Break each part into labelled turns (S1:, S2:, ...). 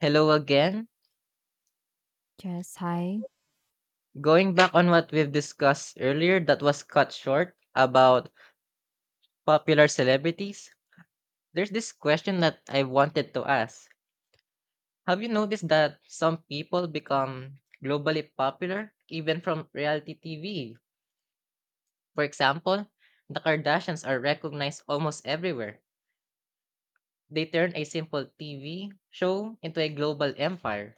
S1: Hello again.
S2: Yes, hi.
S1: Going back on what we've discussed earlier that was cut short about popular celebrities, there's this question that I wanted to ask. Have you noticed that some people become globally popular even from reality TV? For example, the Kardashians are recognized almost everywhere. They turn a simple TV show into a global empire.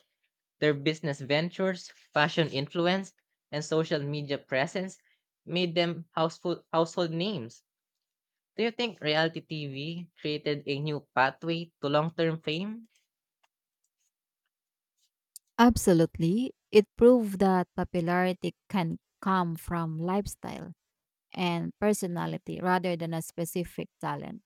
S1: Their business ventures, fashion influence, and social media presence made them household names. Do you think reality TV created a new pathway to long term fame?
S2: Absolutely. It proved that popularity can come from lifestyle and personality rather than a specific talent.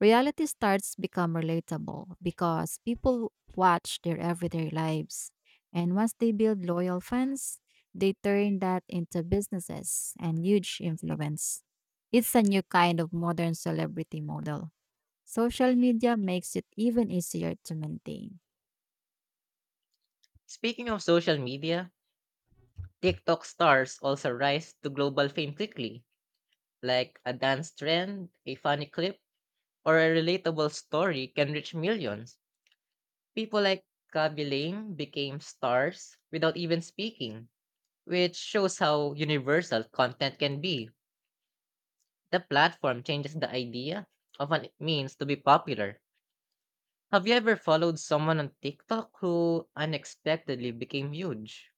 S2: Reality starts become relatable because people watch their everyday lives. And once they build loyal fans, they turn that into businesses and huge influence. It's a new kind of modern celebrity model. Social media makes it even easier to maintain.
S1: Speaking of social media, TikTok stars also rise to global fame quickly. Like a dance trend, a funny clip, or a relatable story can reach millions. People like Kaby Lame became stars without even speaking, which shows how universal content can be. The platform changes the idea of what it means to be popular. Have you ever followed someone on TikTok who unexpectedly became huge?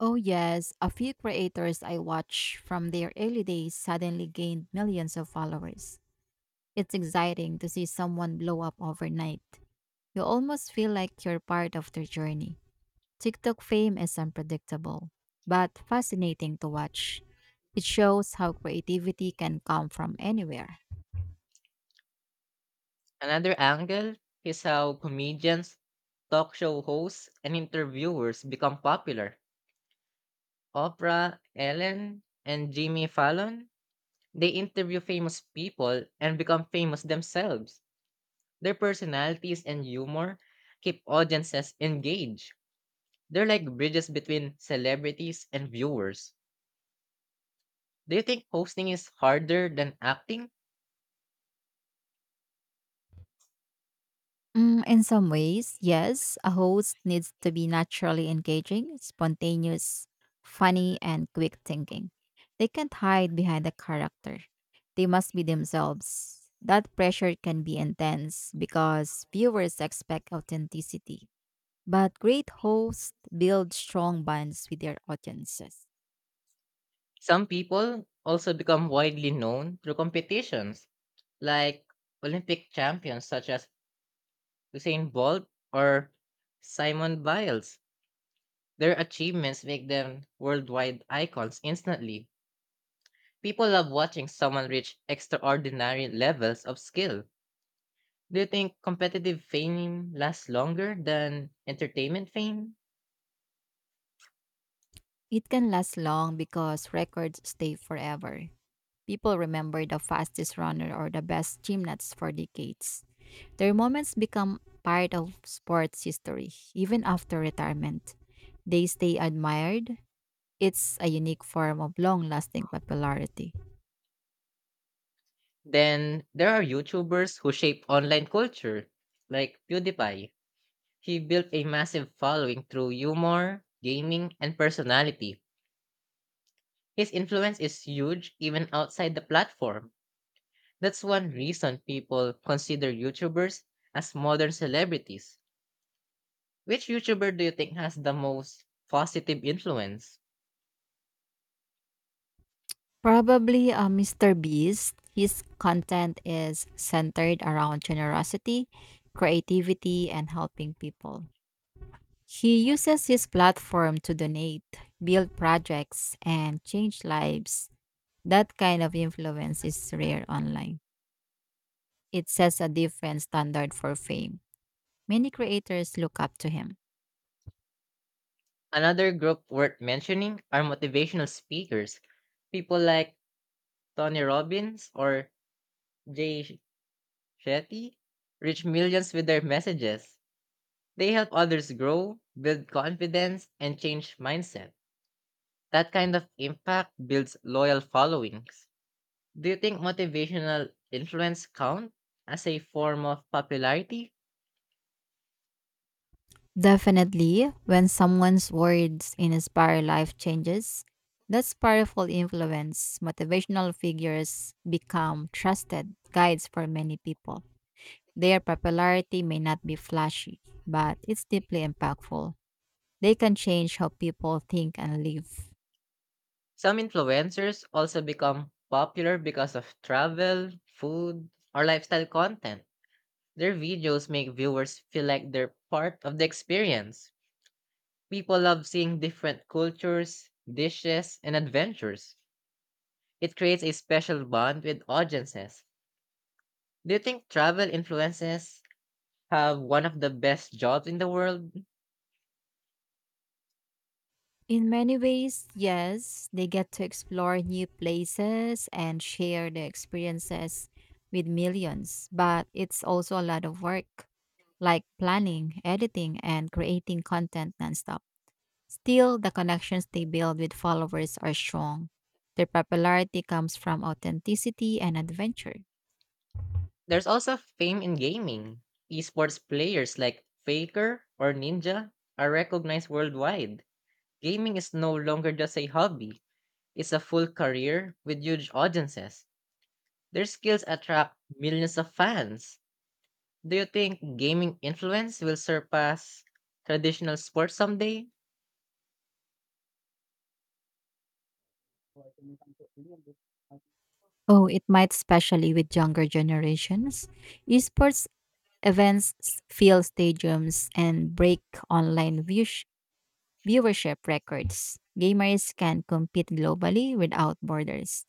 S2: Oh, yes, a few creators I watch from their early days suddenly gained millions of followers. It's exciting to see someone blow up overnight. You almost feel like you're part of their journey. TikTok fame is unpredictable, but fascinating to watch. It shows how creativity can come from anywhere.
S1: Another angle is how comedians, talk show hosts, and interviewers become popular. Oprah, Ellen, and Jimmy Fallon, they interview famous people and become famous themselves. Their personalities and humor keep audiences engaged. They're like bridges between celebrities and viewers. Do you think hosting is harder than acting?
S2: Mm, in some ways, yes, a host needs to be naturally engaging, spontaneous, funny, and quick thinking. They can't hide behind a character. They must be themselves. That pressure can be intense because viewers expect authenticity. But great hosts build strong bonds with their audiences.
S1: Some people also become widely known through competitions, like Olympic champions such as Usain Bolt or Simon Biles. Their achievements make them worldwide icons instantly. People love watching someone reach extraordinary levels of skill. Do you think competitive fame lasts longer than entertainment fame?
S2: It can last long because records stay forever. People remember the fastest runner or the best gymnast for decades. Their moments become part of sports history, even after retirement. They stay admired. It's a unique form of long lasting popularity.
S1: Then there are YouTubers who shape online culture, like PewDiePie. He built a massive following through humor, gaming, and personality. His influence is huge even outside the platform. That's one reason people consider YouTubers as modern celebrities. Which YouTuber do you think has the most positive influence?
S2: Probably, Mister Beast. His content is centered around generosity, creativity, and helping people. He uses his platform to donate, build projects, and change lives. That kind of influence is rare online. It sets a different standard for fame. Many creators look up to him.
S1: Another group worth mentioning are motivational speakers. People like Tony Robbins or Jay Shetty reach millions with their messages. They help others grow, build confidence, and change mindset. That kind of impact builds loyal followings. Do you think motivational influence count as a form of popularity?
S2: Definitely, when someone's words inspire life changes, that's powerful influence. Motivational figures become trusted guides for many people. Their popularity may not be flashy, but it's deeply impactful. They can change how people think and live.
S1: Some influencers also become popular because of travel, food, or lifestyle content. Their videos make viewers feel like they're part of the experience. People love seeing different cultures, dishes, and adventures. It creates a special bond with audiences. Do you think travel influences have one of the best jobs in the world?
S2: In many ways, yes, they get to explore new places and share their experiences with millions, but it's also a lot of work, like planning, editing, and creating content nonstop. Still, the connections they build with followers are strong. Their popularity comes from authenticity and adventure.
S1: There's also fame in gaming. Esports players like Faker or Ninja are recognized worldwide. Gaming is no longer just a hobby, it's a full career with huge audiences. Their skills attract millions of fans. Do you think gaming influence will surpass traditional sports someday?
S2: Oh, it might especially with younger generations. Esports fill stadiums and break online views viewership records. Gamers can compete globally without borders.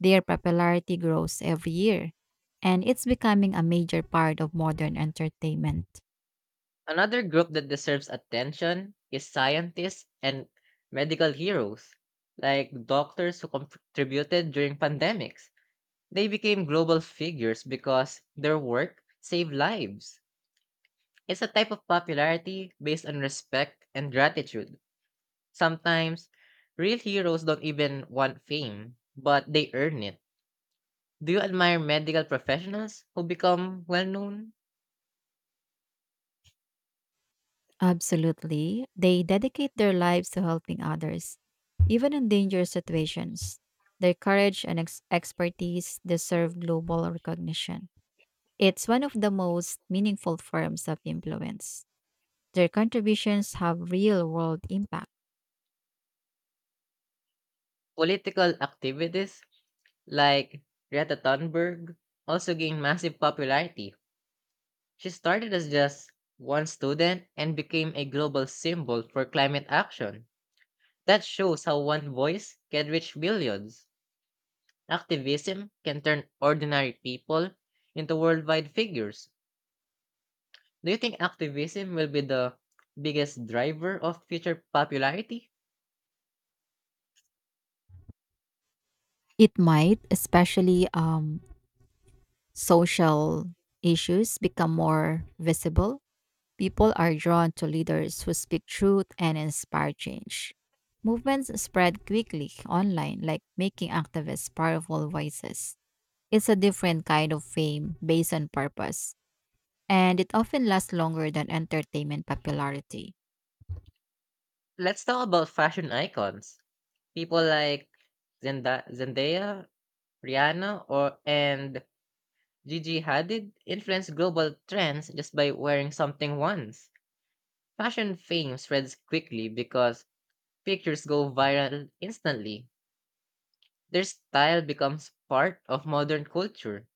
S2: Their popularity grows every year, and it's becoming a major part of modern entertainment.
S1: Another group that deserves attention is scientists and medical heroes, like doctors who contributed during pandemics. They became global figures because their work saved lives. It's a type of popularity based on respect and gratitude. Sometimes, real heroes don't even want fame, but they earn it. Do you admire medical professionals who become well known?
S2: Absolutely. They dedicate their lives to helping others, even in dangerous situations. Their courage and expertise deserve global recognition. It's one of the most meaningful forms of influence. Their contributions have real world impact.
S1: Political activities like Greta Thunberg, also gained massive popularity. She started as just one student and became a global symbol for climate action. That shows how one voice can reach billions. Activism can turn ordinary people into worldwide figures. Do you think activism will be the biggest driver of future popularity?
S2: It might, especially social issues become more visible. People are drawn to leaders who speak truth and inspire change. Movements spread quickly online, like making activists powerful voices. It's a different kind of fame based on purpose, and it often lasts longer than entertainment popularity.
S1: Let's talk about fashion icons. People like Zendaya, Rihanna, or and Gigi Hadid influenced global trends just by wearing something once. Fashion fame spreads quickly because pictures go viral instantly. Their style becomes part of modern culture.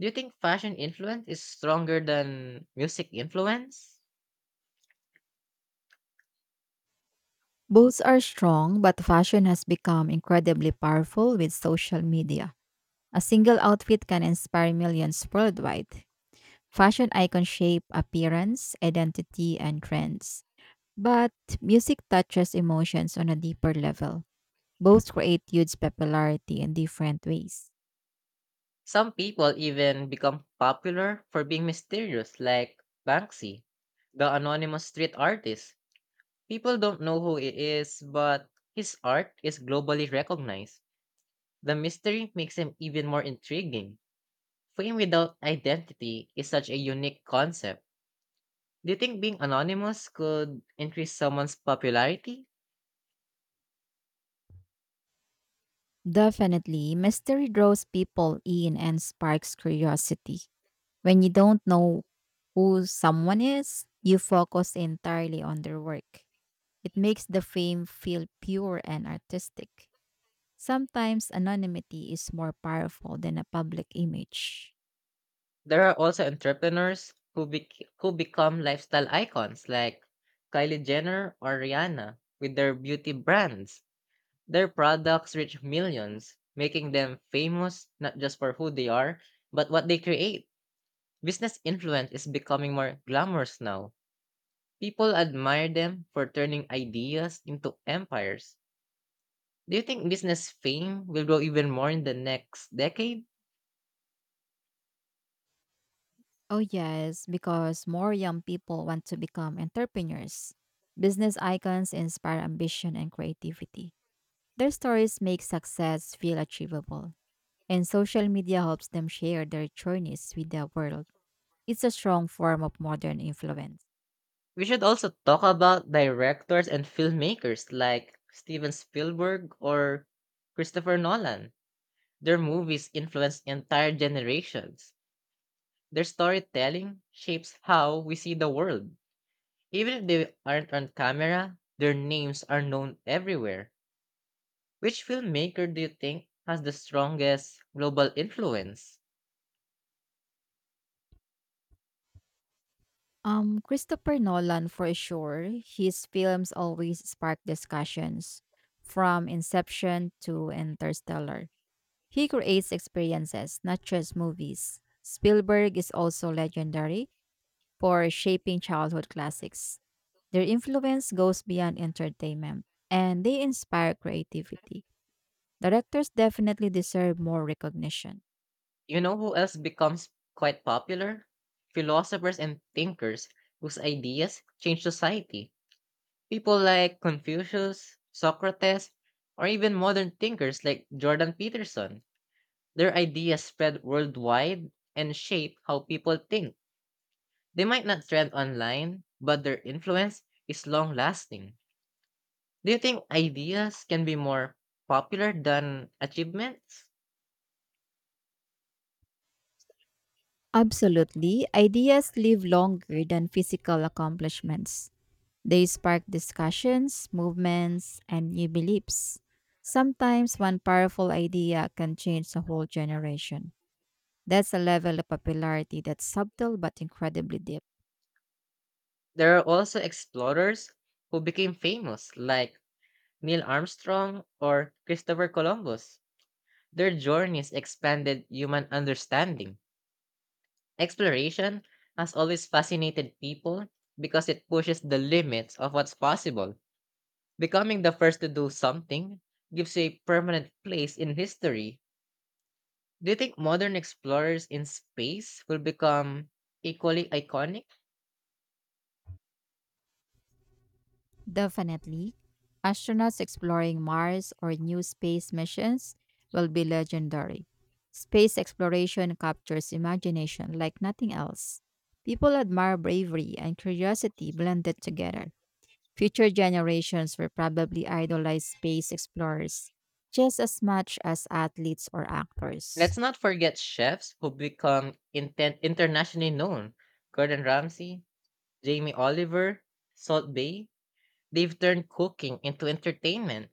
S1: Do you think fashion influence is stronger than music influence?
S2: Both are strong, but fashion has become incredibly powerful with social media. A single outfit can inspire millions worldwide. Fashion icons shape appearance, identity, and trends. But music touches emotions on a deeper level. Both create huge popularity in different ways.
S1: Some people even become popular for being mysterious, like Banksy, the anonymous street artist. People don't know who he is, but his art is globally recognized. The mystery makes him even more intriguing. Fame without identity is such a unique concept. Do you think being anonymous could increase someone's popularity?
S2: Definitely, mystery draws people in and sparks curiosity. When you don't know who someone is, you focus entirely on their work. It makes the fame feel pure and artistic. Sometimes anonymity is more powerful than a public image.
S1: There are also entrepreneurs who become lifestyle icons like Kylie Jenner or Rihanna with their beauty brands. Their products reach millions, making them famous not just for who they are, but what they create. Business influence is becoming more glamorous now. People admire them for turning ideas into empires. Do you think business fame will grow even more in the next decade?
S2: Oh, yes, because more young people want to become entrepreneurs. Business icons inspire ambition and creativity. Their stories make success feel achievable, and social media helps them share their journeys with the world. It's a strong form of modern influence.
S1: We should also talk about directors and filmmakers like Steven Spielberg or Christopher Nolan. Their movies influence entire generations. Their storytelling shapes how we see the world. Even if they aren't on camera, their names are known everywhere. Which filmmaker do you think has the strongest global influence?
S2: Christopher Nolan, for sure, his films always spark discussions from Inception to Interstellar. He creates experiences, not just movies. Spielberg is also legendary for shaping childhood classics. Their influence goes beyond entertainment, and they inspire creativity. Directors definitely deserve more recognition.
S1: You know who else becomes quite popular? Philosophers and thinkers whose ideas change society. People like Confucius, Socrates, or even modern thinkers like Jordan Peterson. Their ideas spread worldwide and shape how people think. They might not trend online, but their influence is long lasting. Do you think ideas can be more popular than achievements?
S2: Absolutely, ideas live longer than physical accomplishments. They spark discussions, movements, and new beliefs. Sometimes one powerful idea can change the whole generation. That's a level of popularity that's subtle but incredibly deep.
S1: There are also explorers who became famous, like Neil Armstrong or Christopher Columbus. Their journeys expanded human understanding. Exploration has always fascinated people because it pushes the limits of what's possible. Becoming the first to do something gives you a permanent place in history. Do you think modern explorers in space will become equally iconic?
S2: Definitely, astronauts exploring Mars or new space missions will be legendary. Space exploration captures imagination like nothing else. People admire bravery and curiosity blended together. Future generations will probably idolize space explorers just as much as athletes or actors.
S1: Let's not forget chefs who become internationally known. Gordon Ramsay, Jamie Oliver, Salt Bay, they've turned cooking into entertainment.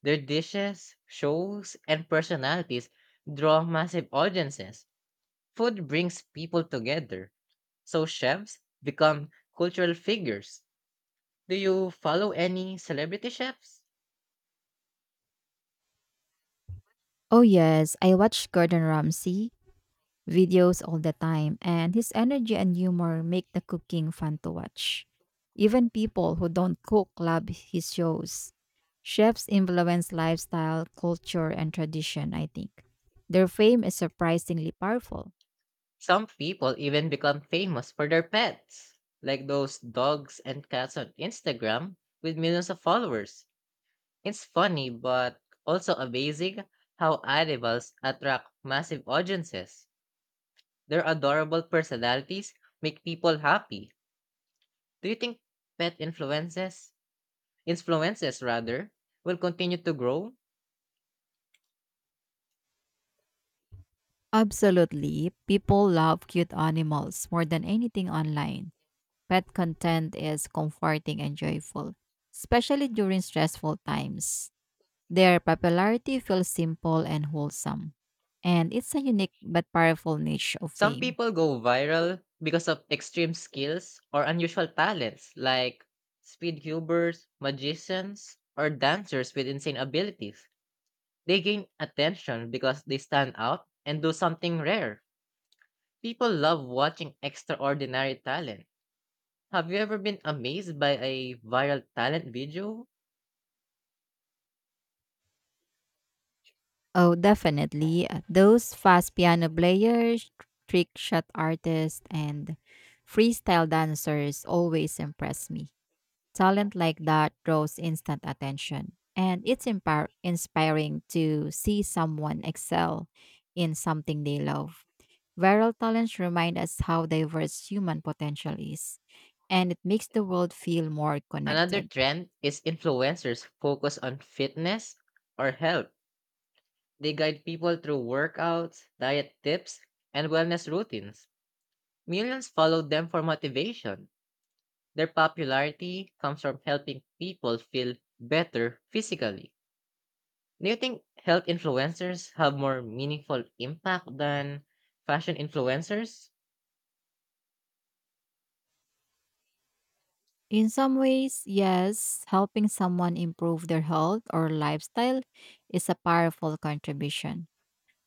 S1: Their dishes, shows, and personalities draw massive audiences. Food brings people together, so chefs become cultural figures. Do you follow any celebrity chefs?
S2: Oh, yes, I watch Gordon Ramsay videos all the time, and his energy and humor make the cooking fun to watch. Even people who don't cook love his shows. Chefs influence lifestyle, culture, and tradition, I think. Their fame is surprisingly powerful.
S1: Some people even become famous for their pets, like those dogs and cats on Instagram with millions of followers. It's funny, but also amazing how animals attract massive audiences. Their adorable personalities make people happy. Do you think pet influences, influences rather, will continue to grow?
S2: Absolutely. People love cute animals more than anything online. Pet content is comforting and joyful, especially during stressful times. Their popularity feels simple and wholesome, and it's a unique but powerful niche of
S1: Some
S2: fame.
S1: people go viral because of extreme skills or unusual talents, like speed cubers, magicians, or dancers with insane abilities. They gain attention because they stand out and do something rare. People love watching extraordinary talent. Have you ever been amazed by a viral talent video?
S2: Oh, definitely. Those fast piano players, trick shot artists, and freestyle dancers always impress me. Talent like that draws instant attention, and it's inspiring to see someone excel in something they love. Viral talents remind us how diverse human potential is, and it makes the world feel more
S1: Another
S2: connected.
S1: trend is influencers focus on fitness or health. They guide people through workouts, diet tips, and wellness routines. Millions followed them for motivation. Their popularity comes from helping people feel better physically. Do you think health influencers have more meaningful impact than fashion influencers?
S2: In some ways, yes, helping someone improve their health or lifestyle is a powerful contribution.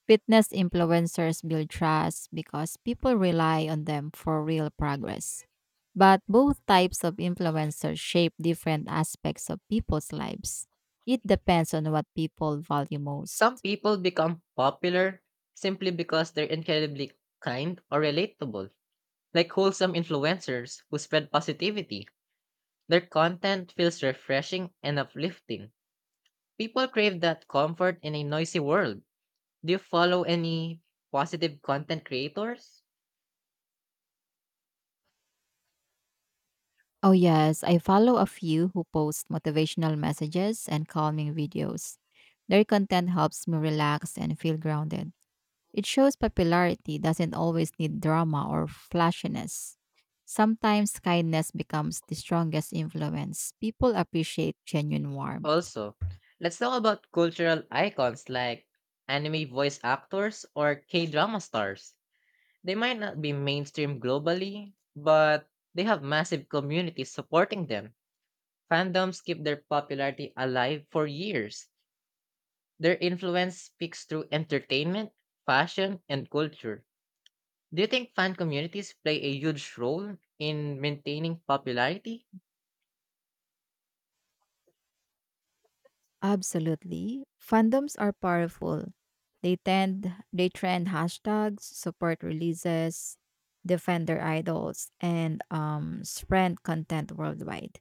S2: Fitness influencers build trust because people rely on them for real progress. But both types of influencers shape different aspects of people's lives. It depends on what people value most.
S1: Some people become popular simply because they're incredibly kind or relatable, like wholesome influencers who spread positivity. Their content feels refreshing and uplifting. People crave that comfort in a noisy world. Do you follow any positive content creators?
S2: Oh, yes, I follow a few who post motivational messages and calming videos. Their content helps me relax and feel grounded. It shows popularity doesn't always need drama or flashiness. Sometimes kindness becomes the strongest influence. People appreciate genuine warmth.
S1: Also, let's talk about cultural icons like anime voice actors or K drama stars. They might not be mainstream globally, but they have massive communities supporting them. Fandoms keep their popularity alive for years. Their influence speaks through entertainment, fashion, and culture. Do you think fan communities play a huge role in maintaining popularity?
S2: Absolutely. Fandoms are powerful. They trend hashtags, support releases, defend their idols, and spread content worldwide.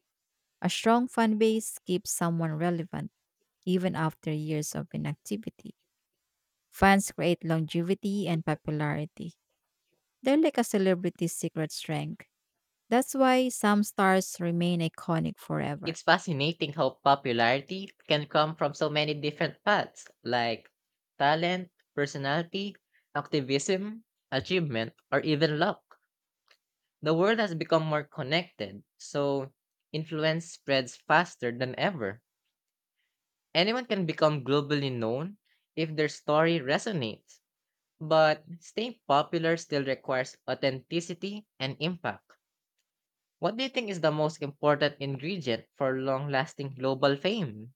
S2: A strong fan base keeps someone relevant even after years of inactivity. Fans create longevity and popularity. They're like a celebrity's secret strength. That's why some stars remain iconic forever.
S1: It's fascinating how popularity can come from so many different paths, like talent, personality, activism, achievement, or even luck. The world has become more connected, so influence spreads faster than ever. Anyone can become globally known if their story resonates, but staying popular still requires authenticity and impact. What do you think is the most important ingredient for long lasting global fame?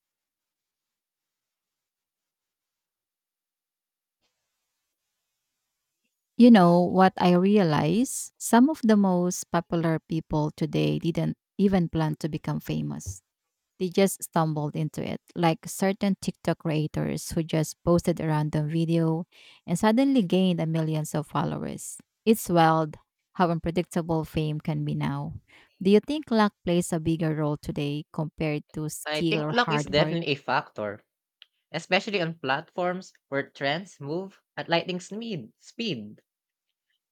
S2: You know what I realize? Some of the most popular people today didn't even plan to become famous. They just stumbled into it, like certain TikTok creators who just posted a random video and suddenly gained a millions of followers. It's wild how unpredictable fame can be now. Do you think luck plays a bigger role today compared to
S1: I
S2: skill
S1: think
S2: or
S1: luck is
S2: hard work?
S1: definitely a factor, especially on platforms where trends move at lightning speed. Speed,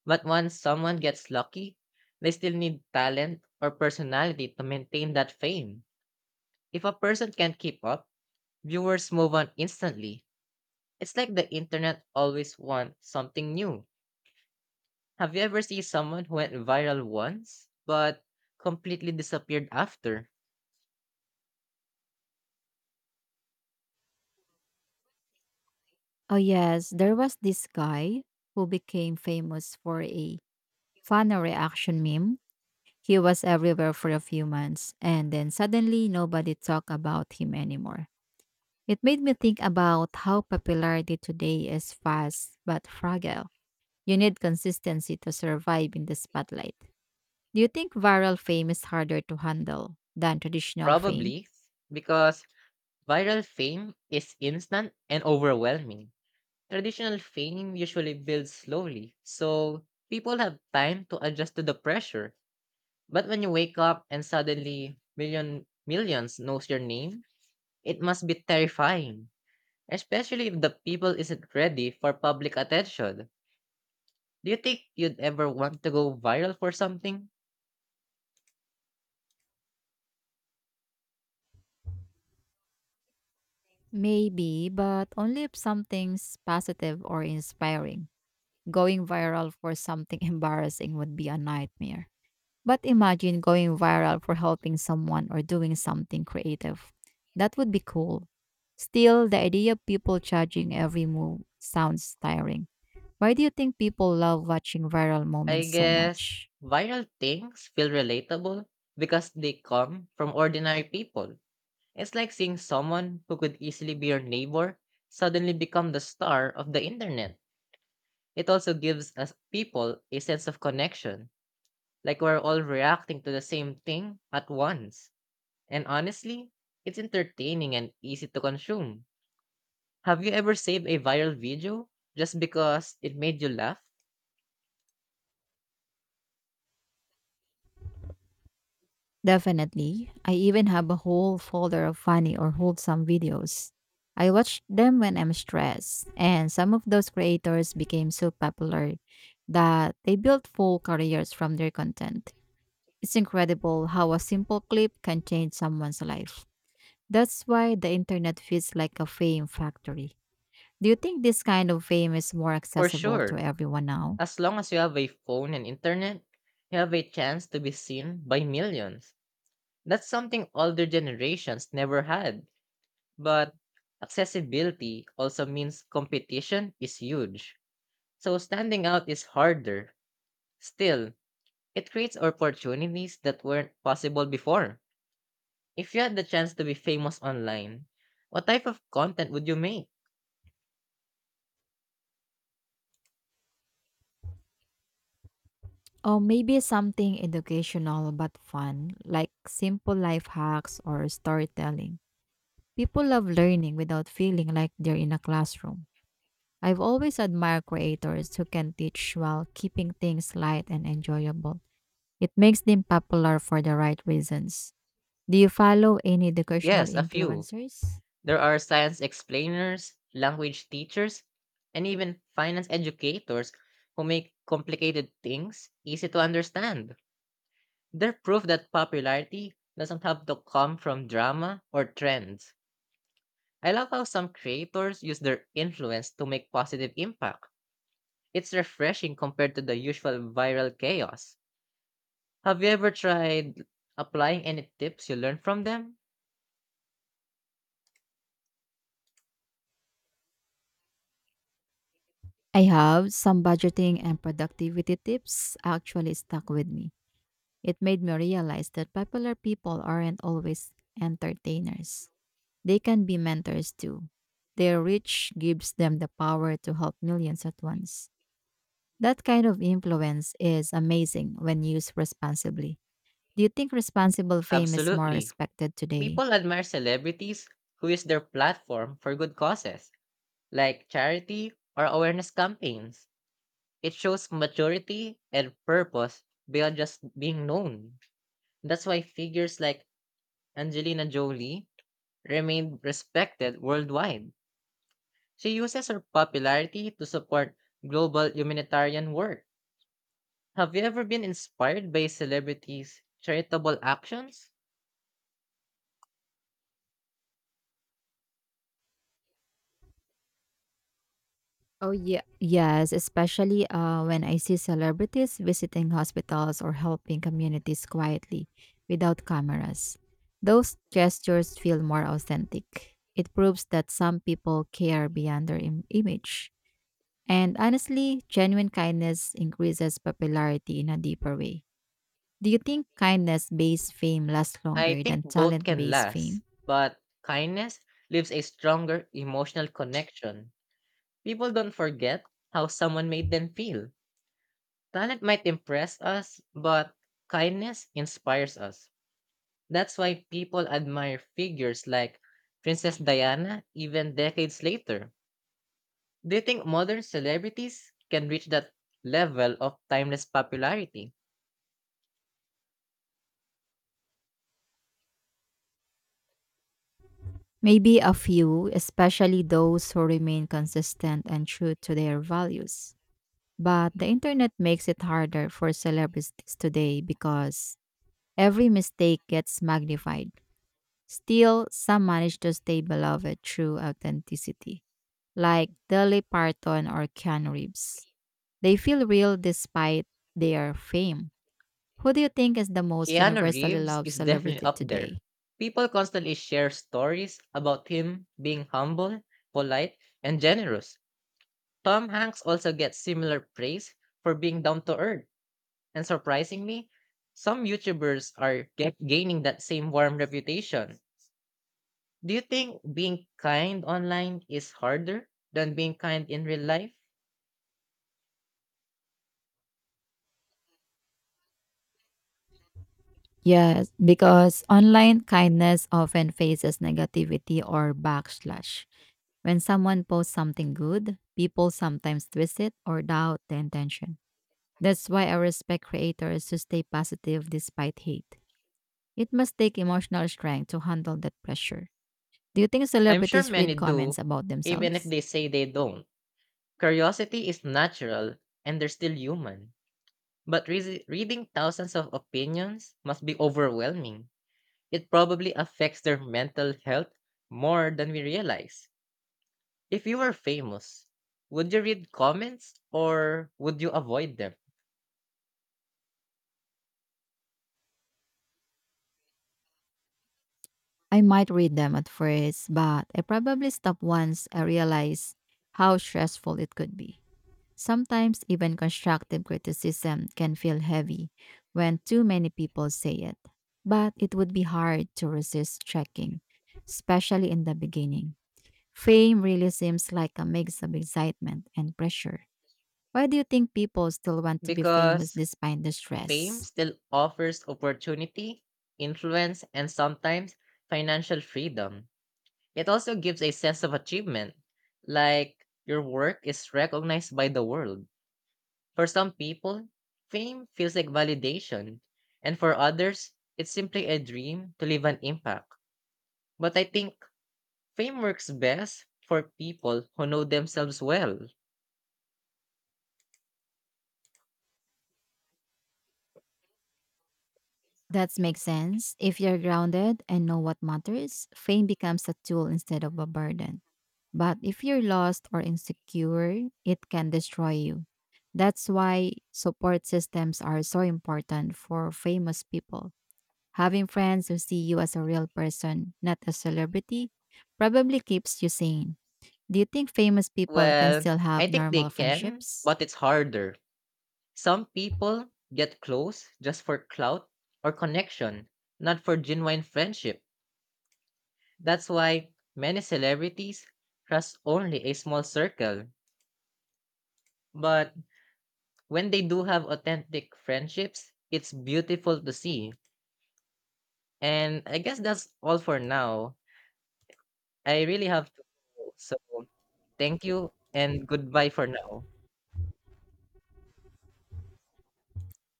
S1: but once someone gets lucky, they still need talent or personality to maintain that fame. If a person can't keep up, viewers move on instantly. It's like the internet always wants something new. Have you ever seen someone who went viral once but completely disappeared after?
S2: Oh yes, there was this guy who became famous for a funny reaction meme. He was everywhere for a few months and then suddenly nobody talked about him anymore. It made me think about how popularity today is fast but fragile. You need consistency to survive in the spotlight. Do you think viral fame is harder to handle than traditional fame?
S1: Probably because viral fame is instant and overwhelming. Traditional fame usually builds slowly, so people have time to adjust to the pressure. But when you wake up and suddenly millions knows your name, it must be terrifying, especially if the people isn't ready for public attention. Do you think you'd ever want to go viral for something?
S2: Maybe, but only if something's positive or inspiring. Going viral for something embarrassing would be a nightmare. But imagine going viral for helping someone or doing something creative. That would be cool. Still, the idea of people judging every move sounds tiring. Why do you think people love watching viral
S1: I
S2: moments so
S1: guess
S2: much?
S1: viral things feel relatable because they come from ordinary people. It's like seeing someone who could easily be your neighbor suddenly become the star of the internet. It also gives us people a sense of connection, like we're all reacting to the same thing at once. And honestly, it's entertaining and easy to consume. Have you ever saved a viral video just because it made you laugh?
S2: Definitely. I even have a whole folder of funny or wholesome videos. I watch them when I'm stressed, and some of those creators became so popular that they built full careers from their content. It's incredible how a simple clip can change someone's life. That's why the internet feels like a fame factory. Do you think this kind of fame is more
S1: For
S2: accessible to
S1: sure.
S2: everyone now?
S1: As long as you have a phone and internet, you have a chance to be seen by millions. That's something older generations never had. But accessibility also means competition is huge. So standing out is harder. Still, it creates opportunities that weren't possible before. If you had the chance to be famous online, what type of content would you make?
S2: Or maybe something educational but fun, like simple life hacks or storytelling. People love learning without feeling like they're in a classroom. I've always admired creators who can teach while keeping things light and enjoyable. It makes them popular for the right reasons. Do you follow any educational
S1: Yes, a few.
S2: influencers?
S1: There are science explainers, language teachers, and even finance educators who make complicated things easy to understand. They're proof that popularity doesn't have to come from drama or trends. I love how some creators use their influence to make positive impact. It's refreshing compared to the usual viral chaos. Have you ever tried applying any tips you learned from them?
S2: I have some budgeting and productivity tips actually stuck with me. It made me realize that popular people aren't always entertainers. They can be mentors too. Their reach gives them the power to help millions at once. That kind of influence is amazing when used responsibly. Do you think responsible fame is more
S1: Absolutely.
S2: respected today?
S1: People admire celebrities who use their platform for good causes, like charity or awareness campaigns. It shows maturity and purpose beyond just being known. That's why figures like Angelina Jolie, remained respected worldwide. She uses her popularity to support global humanitarian work. Have you ever been inspired by celebrities' charitable actions?
S2: Oh yeah, yes, especially when I see celebrities visiting hospitals or helping communities quietly without cameras. Those gestures feel more authentic. It proves that some people care beyond their image. And honestly, genuine kindness increases popularity in a deeper way. Do you think kindness based fame lasts
S1: I
S2: longer
S1: think
S2: than
S1: both
S2: talent
S1: can
S2: based
S1: last,
S2: fame?
S1: but kindness leaves a stronger emotional connection. People don't forget how someone made them feel. Talent might impress us, but kindness inspires us. That's why people admire figures like Princess Diana even decades later. Do you think modern celebrities can reach that level of timeless popularity?
S2: Maybe a few, especially those who remain consistent and true to their values. But the internet makes it harder for celebrities today because every mistake gets magnified. Still, some manage to stay beloved through authenticity, like Dolly Parton or Keanu Reeves. They feel real despite their fame. Who do you think is the most
S1: Keanu
S2: universally
S1: Reeves
S2: loved
S1: is definitely
S2: celebrity
S1: up there.
S2: today?
S1: People constantly share stories about him being humble, polite, and generous. Tom Hanks also gets similar praise for being down to earth. And surprisingly, some YouTubers are gaining that same warm reputation. Do you think being kind online is harder than being kind in real life?
S2: Yes, because online kindness often faces negativity or backslash. When someone posts something good, people sometimes twist it or doubt the intention. That's why I respect creators who stay positive despite hate. It must take emotional strength to handle that pressure. Do you think
S1: I'm sure
S2: celebrities
S1: many
S2: read comments
S1: do,
S2: about
S1: even if
S2: themselves?
S1: they say they don't. Curiosity is natural and they're still human. But reading thousands of opinions must be overwhelming. It probably affects their mental health more than we realize. If you were famous, would you read comments or would you avoid them?
S2: I might read them at first, but I probably stopped once I realized how stressful it could be. Sometimes even constructive criticism can feel heavy when too many people say it. But it would be hard to resist checking, especially in the beginning. Fame really seems like a mix of excitement and pressure. Why do you think people still want to be famous
S1: Because
S2: despite the
S1: fame
S2: stress?
S1: still offers opportunity, influence, and sometimes financial freedom. It also gives a sense of achievement, like your work is recognized by the world. For some people, fame feels like validation, and for others, it's simply a dream to leave an impact. But I think fame works best for people who know themselves well.
S2: That makes sense. If you're grounded and know what matters, fame becomes a tool instead of a burden. But if you're lost or insecure, it can destroy you. That's why support systems are so important for famous people. Having friends who see you as a real person, not a celebrity, probably keeps you sane. Do you think famous people can
S1: Well,
S2: still
S1: I
S2: have
S1: think they
S2: normal
S1: can,
S2: friendships?
S1: but it's harder. Some people get close just for clout or connection, not for genuine friendship. That's why many celebrities trust only a small circle. But when they do have authentic friendships, it's beautiful to see. And I guess that's all for now. I really have to go. So thank you and goodbye for now.